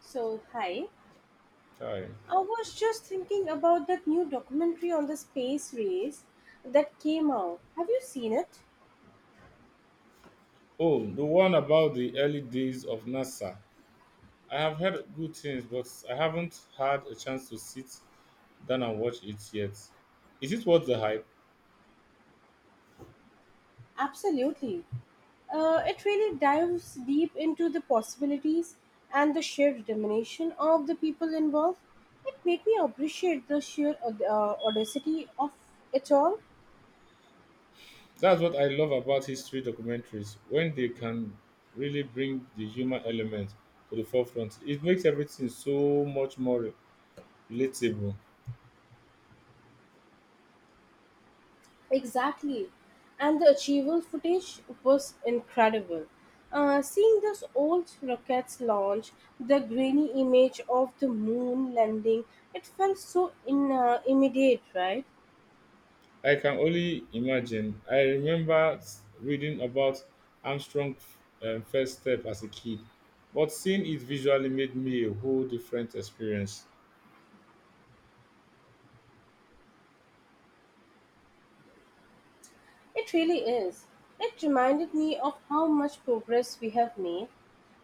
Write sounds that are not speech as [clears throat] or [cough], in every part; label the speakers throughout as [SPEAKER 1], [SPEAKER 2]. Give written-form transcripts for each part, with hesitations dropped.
[SPEAKER 1] So, hi.
[SPEAKER 2] Hi.
[SPEAKER 1] I was just thinking about that new documentary on the space race that came out. Have you seen it?
[SPEAKER 2] Oh, the one about the early days of NASA. I have heard good things, but I haven't had a chance to sit down and watch it yet. Is it worth the hype?
[SPEAKER 1] Absolutely. It really dives deep into the possibilities and the sheer determination of the people involved. It made me appreciate the sheer audacity of it all.
[SPEAKER 2] That's what I love about history documentaries. When they can really bring the human element to the forefront, it makes everything so much more relatable.
[SPEAKER 1] Exactly. And the Achiever footage was incredible. Seeing those old rockets launch, the grainy image of the moon landing, it felt so immediate, right?
[SPEAKER 2] I can only imagine. I remember reading about Armstrong's first step as a kid, but seeing it visually made me a whole different experience.
[SPEAKER 1] It really is. It reminded me of how much progress we have made,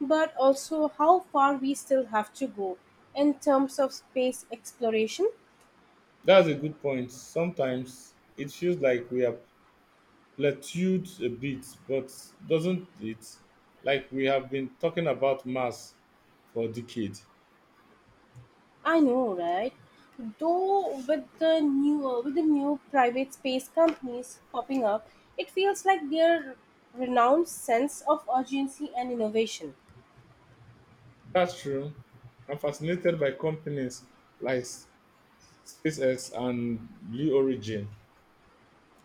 [SPEAKER 1] but also how far we still have to go in terms of space exploration.
[SPEAKER 2] That's a good point. Sometimes it feels like we are plateaued a bit, but doesn't it? Like we have been talking about mass for decades.
[SPEAKER 1] I know, right? Though with the new private space companies popping up, it feels like their renowned sense of urgency and innovation.
[SPEAKER 2] That's true. I'm fascinated by companies like SpaceX and Blue Origin.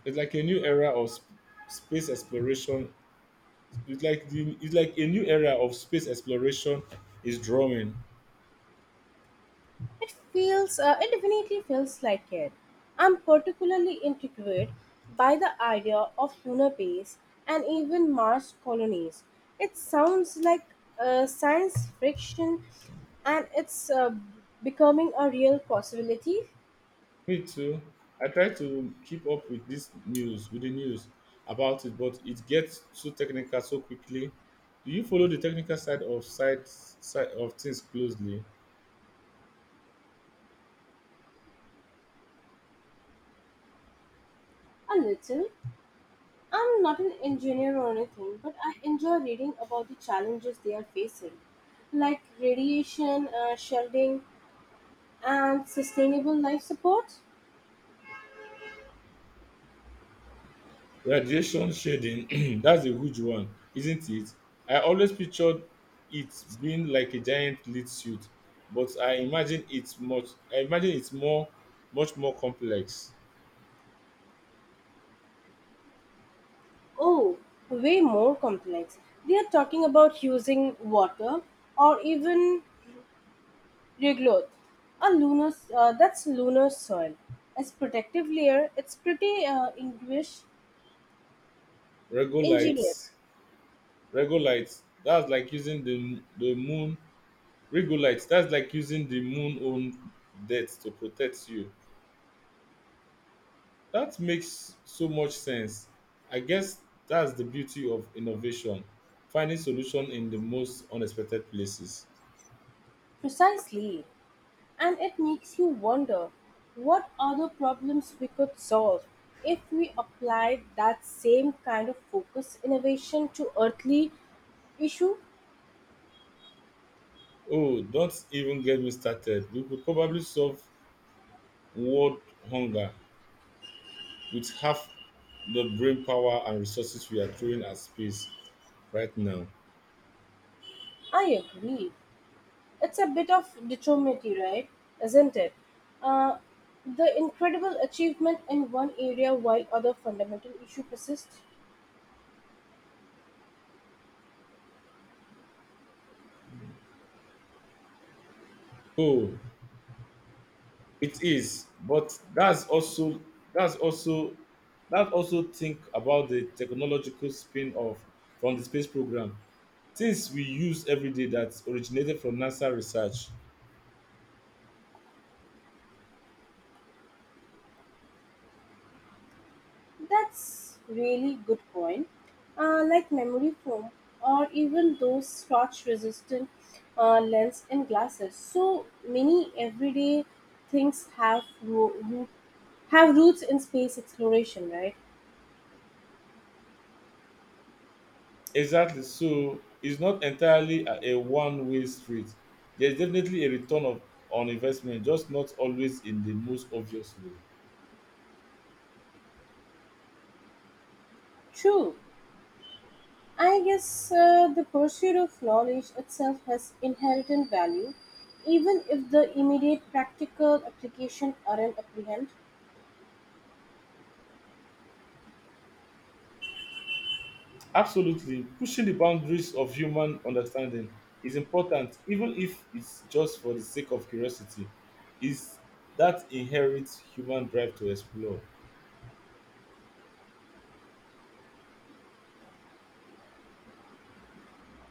[SPEAKER 2] It's like a new era of space exploration. It's like a new era of space exploration is drawing.
[SPEAKER 1] It feels it definitely feels like it. I'm particularly intrigued by the idea of lunar base and even Mars colonies. It sounds like science fiction, and it's becoming a real possibility.
[SPEAKER 2] Me too. I try to keep up with this news, with the news about it, but it gets so technical so quickly. Do you follow the technical side of things closely?
[SPEAKER 1] A little. I'm not an engineer or anything, but I enjoy reading about the challenges they are facing, like radiation shedding, and sustainable life support.
[SPEAKER 2] Radiation shading, [clears throat] that's a huge one, isn't it? I always pictured it being like a giant lit suit, but I imagine it's more much more complex.
[SPEAKER 1] Oh, way more complex. They are talking about using water or even regolith, a lunar soil as protective layer. It's pretty English ingenious.
[SPEAKER 2] Regolith, regolith, that's like using the moon. That's like using the moon own death to protect you. That makes so much sense. I guess that's the beauty of innovation, finding solution in the most unexpected places.
[SPEAKER 1] Precisely. And it makes you wonder what other problems we could solve if we applied that same kind of focus innovation to earthly issue.
[SPEAKER 2] Oh, don't even get me started. We could probably solve world hunger with half the brain power and resources we are throwing at space right now.
[SPEAKER 1] I agree. It's a bit of dichotomy, right? Isn't it? Uh, the incredible achievement in one area while other fundamental issue persists.
[SPEAKER 2] Oh, it is, but that's also that also think about the technological spin-off from the space program. Things we use every day that originated from NASA research.
[SPEAKER 1] That's really good point. Like memory foam or even those scratch resistant lens and glasses. So many everyday things have roots in space exploration, right?
[SPEAKER 2] Exactly. So it's not entirely a, one-way street. There's definitely a return of on investment, just not always in the most obvious way.
[SPEAKER 1] True. I guess the pursuit of knowledge itself has inherent value, even if the immediate practical application aren't apprehend.
[SPEAKER 2] Absolutely. Pushing the boundaries of human understanding is important, even if it's just for the sake of curiosity. Is that inherent human drive to explore?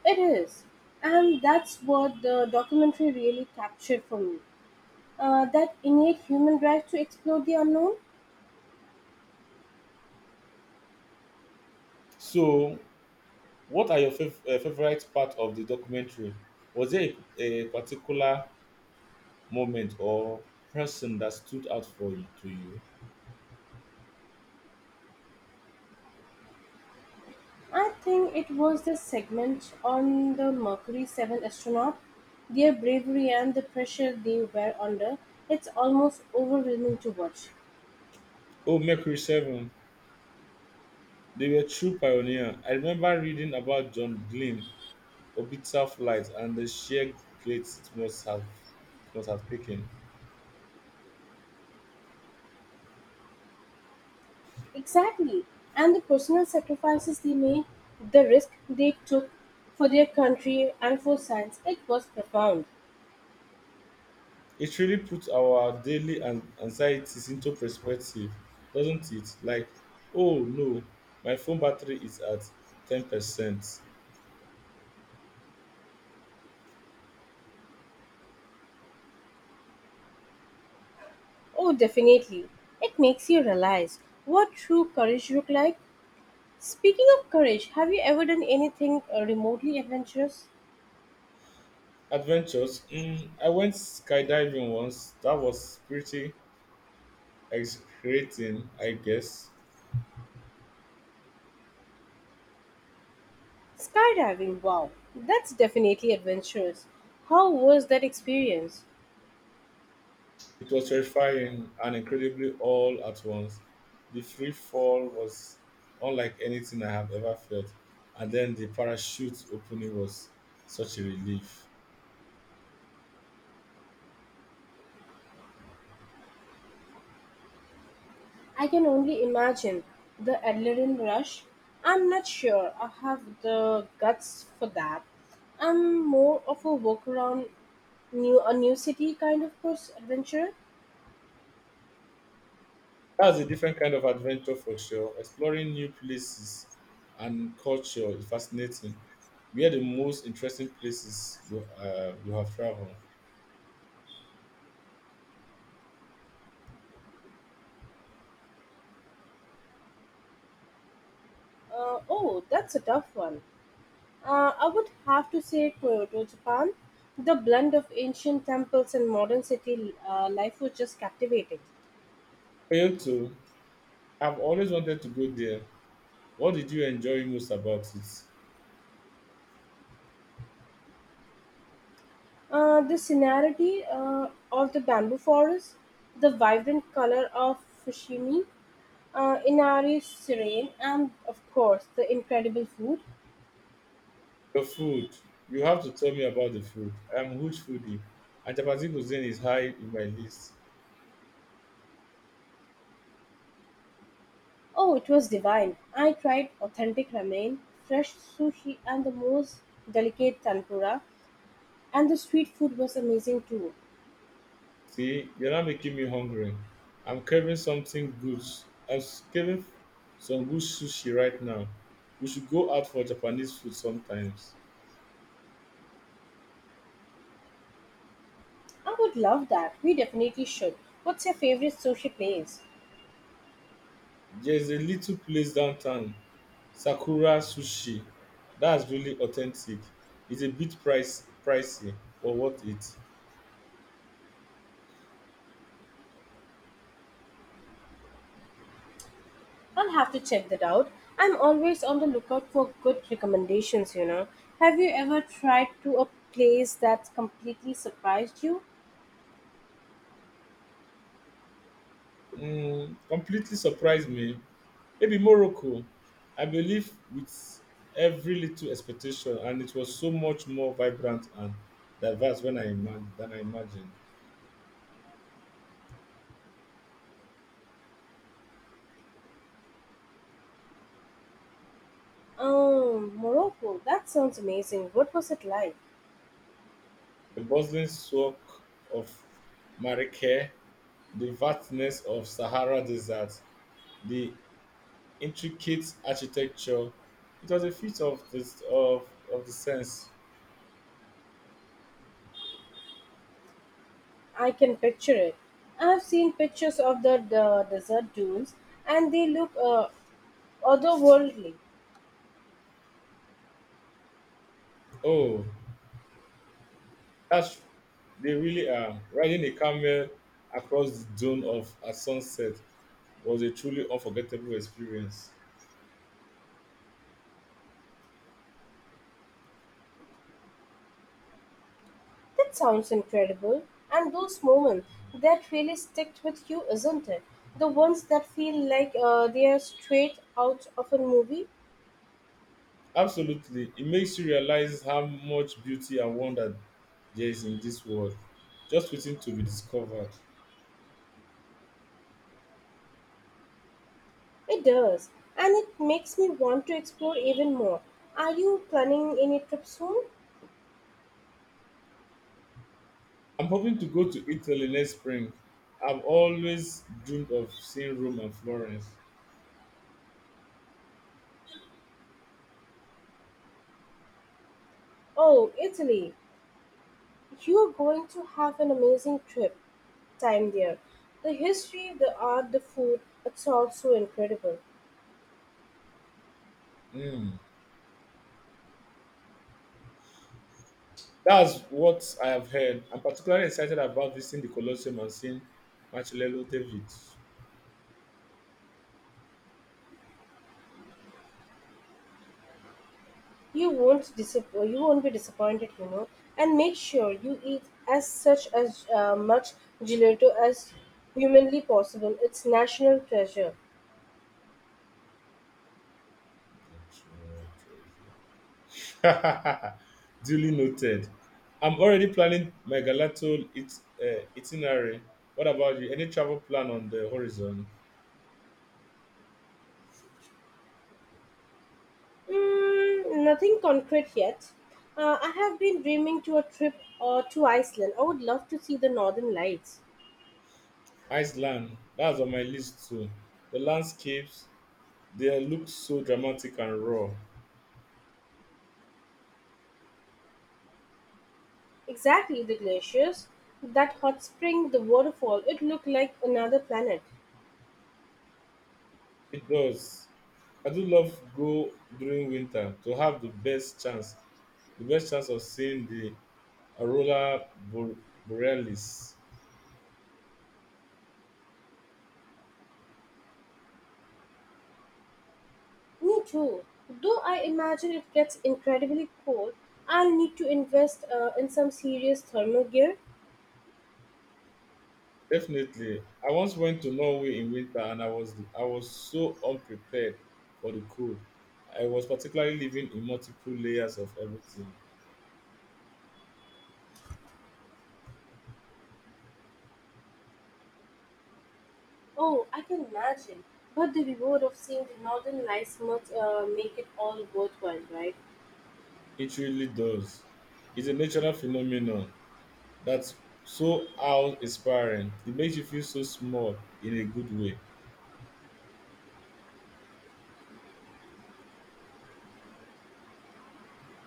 [SPEAKER 1] It is, and that's what the documentary really captured for me that innate human drive to explore the unknown.
[SPEAKER 2] So, what are your favorite part of the documentary? Was there a particular moment or person that stood out for you?
[SPEAKER 1] I think it was the segment on the Mercury 7 astronaut, their bravery and the pressure they were under. It's almost overwhelming to watch.
[SPEAKER 2] Oh, Mercury 7. They were true pioneer. I remember reading about John Glenn orbital flight and the sheer glates it must have taken.
[SPEAKER 1] Exactly. And the personal sacrifices they made, the risk they took for their country and for science, it was profound.
[SPEAKER 2] It really puts our daily anxieties into perspective, doesn't it? Like, oh no, my phone battery is at 10%.
[SPEAKER 1] Oh, definitely. It makes you realize what true courage look like. Speaking of courage, have you ever done anything remotely adventurous?
[SPEAKER 2] Adventures. Mm, I went skydiving once. That was pretty exhilarating, I guess.
[SPEAKER 1] Skydiving, wow, that's definitely adventurous. How was that experience?
[SPEAKER 2] It was terrifying and incredibly all at once. The free fall was unlike anything I have ever felt, and then the parachute opening was such a relief.
[SPEAKER 1] I can only imagine the adrenaline rush. I'm not sure I have the guts for that. I'm more of a walk around new a new city kind of person adventurer.
[SPEAKER 2] That's a different kind of adventure for sure. Exploring new places and culture is fascinating. Where the most interesting places you have traveled?
[SPEAKER 1] Oh, that's a tough one. I would have to say Kyoto, Japan. The blend of ancient temples and modern city life was just captivating.
[SPEAKER 2] Kyoto, I've always wanted to go there. What did you enjoy most about it?
[SPEAKER 1] The scenery of the bamboo forest, the vibrant color of Fushimi, Inari serene, and of course the incredible food.
[SPEAKER 2] The food. You have to tell me about the food. I'm a huge foodie. And chapati cuisine is high in my list.
[SPEAKER 1] Oh, it was divine. I tried authentic ramen, fresh sushi, and the most delicate tempura, and the street food was amazing too.
[SPEAKER 2] See, you're not making me hungry. I'm craving something good. I'm craving some good sushi right now. We should go out for Japanese food sometimes.
[SPEAKER 1] I would love that. We definitely should. What's your favorite sushi place?
[SPEAKER 2] There's a little place downtown, Sakura Sushi. That's really authentic. It's a pricey, but worth it.
[SPEAKER 1] I'll have to check that out. I'm always on the lookout for good recommendations, you know. Have you ever tried to a place that's completely surprised you?
[SPEAKER 2] Mm, completely surprised me. Maybe Morocco. I believe with every little expectation, and it was so much more vibrant and diverse than I imagined.
[SPEAKER 1] Oh, Morocco. That sounds amazing. What was it like?
[SPEAKER 2] The bustling soak of Marrakech, the vastness of Sahara desert, the intricate architecture, it was a feat of this of the sense.
[SPEAKER 1] I can picture it. I've seen pictures of the desert dunes and they look otherworldly.
[SPEAKER 2] Oh, that's, they really are. Riding a camel across the dome of at sunset was a truly unforgettable experience.
[SPEAKER 1] That sounds incredible. And those moments that really stick with you, isn't it? The ones that feel like they are straight out of a movie?
[SPEAKER 2] Absolutely. It makes you realize how much beauty and wonder there is in this world, just waiting to be discovered.
[SPEAKER 1] It does. And it makes me want to explore even more. Are you planning any trip soon?
[SPEAKER 2] I'm hoping to go to Italy next spring. I've always dreamed of seeing Rome and Florence.
[SPEAKER 1] Oh, Italy. You are going to have an amazing trip time there. The history, the art, the food, it's all so incredible.
[SPEAKER 2] Mm. That's what I have heard. I'm particularly excited about visiting the Colosseum and seeing Marcello David.
[SPEAKER 1] You won't be disappointed, you know. And make sure you eat as much gelato as humanly possible. It's national treasure.
[SPEAKER 2] [laughs] Duly noted. I'm already planning my itinerary. What about you? Any travel plan on the horizon?
[SPEAKER 1] Mm, nothing concrete yet. I have been dreaming to a trip to Iceland. I would love to see the northern lights.
[SPEAKER 2] Iceland. That's on my list too. The landscapes, they look so dramatic and raw.
[SPEAKER 1] Exactly, the glaciers, that hot spring, the waterfall. It looked like another planet.
[SPEAKER 2] It does. I do love go during winter to have the best chance of seeing the aurora bor- borealis.
[SPEAKER 1] Me too. Though I imagine it gets incredibly cold, I'll need to invest in some serious thermal gear.
[SPEAKER 2] Definitely. I once went to Norway in winter and I was so unprepared for the cold. I was particularly living in multiple layers of everything.
[SPEAKER 1] Oh, I can imagine. But the reward of seeing the northern lights must make it all worthwhile, right?
[SPEAKER 2] It really does. It's a natural phenomenon that's so awe inspiring. It makes you feel so small in a good way.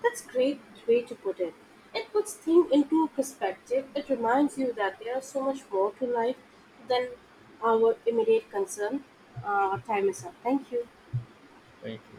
[SPEAKER 1] That's a great way to put it. It puts things into perspective. It reminds you that there is so much more to life than our immediate concern. Time is up. Thank you.
[SPEAKER 2] Thank you.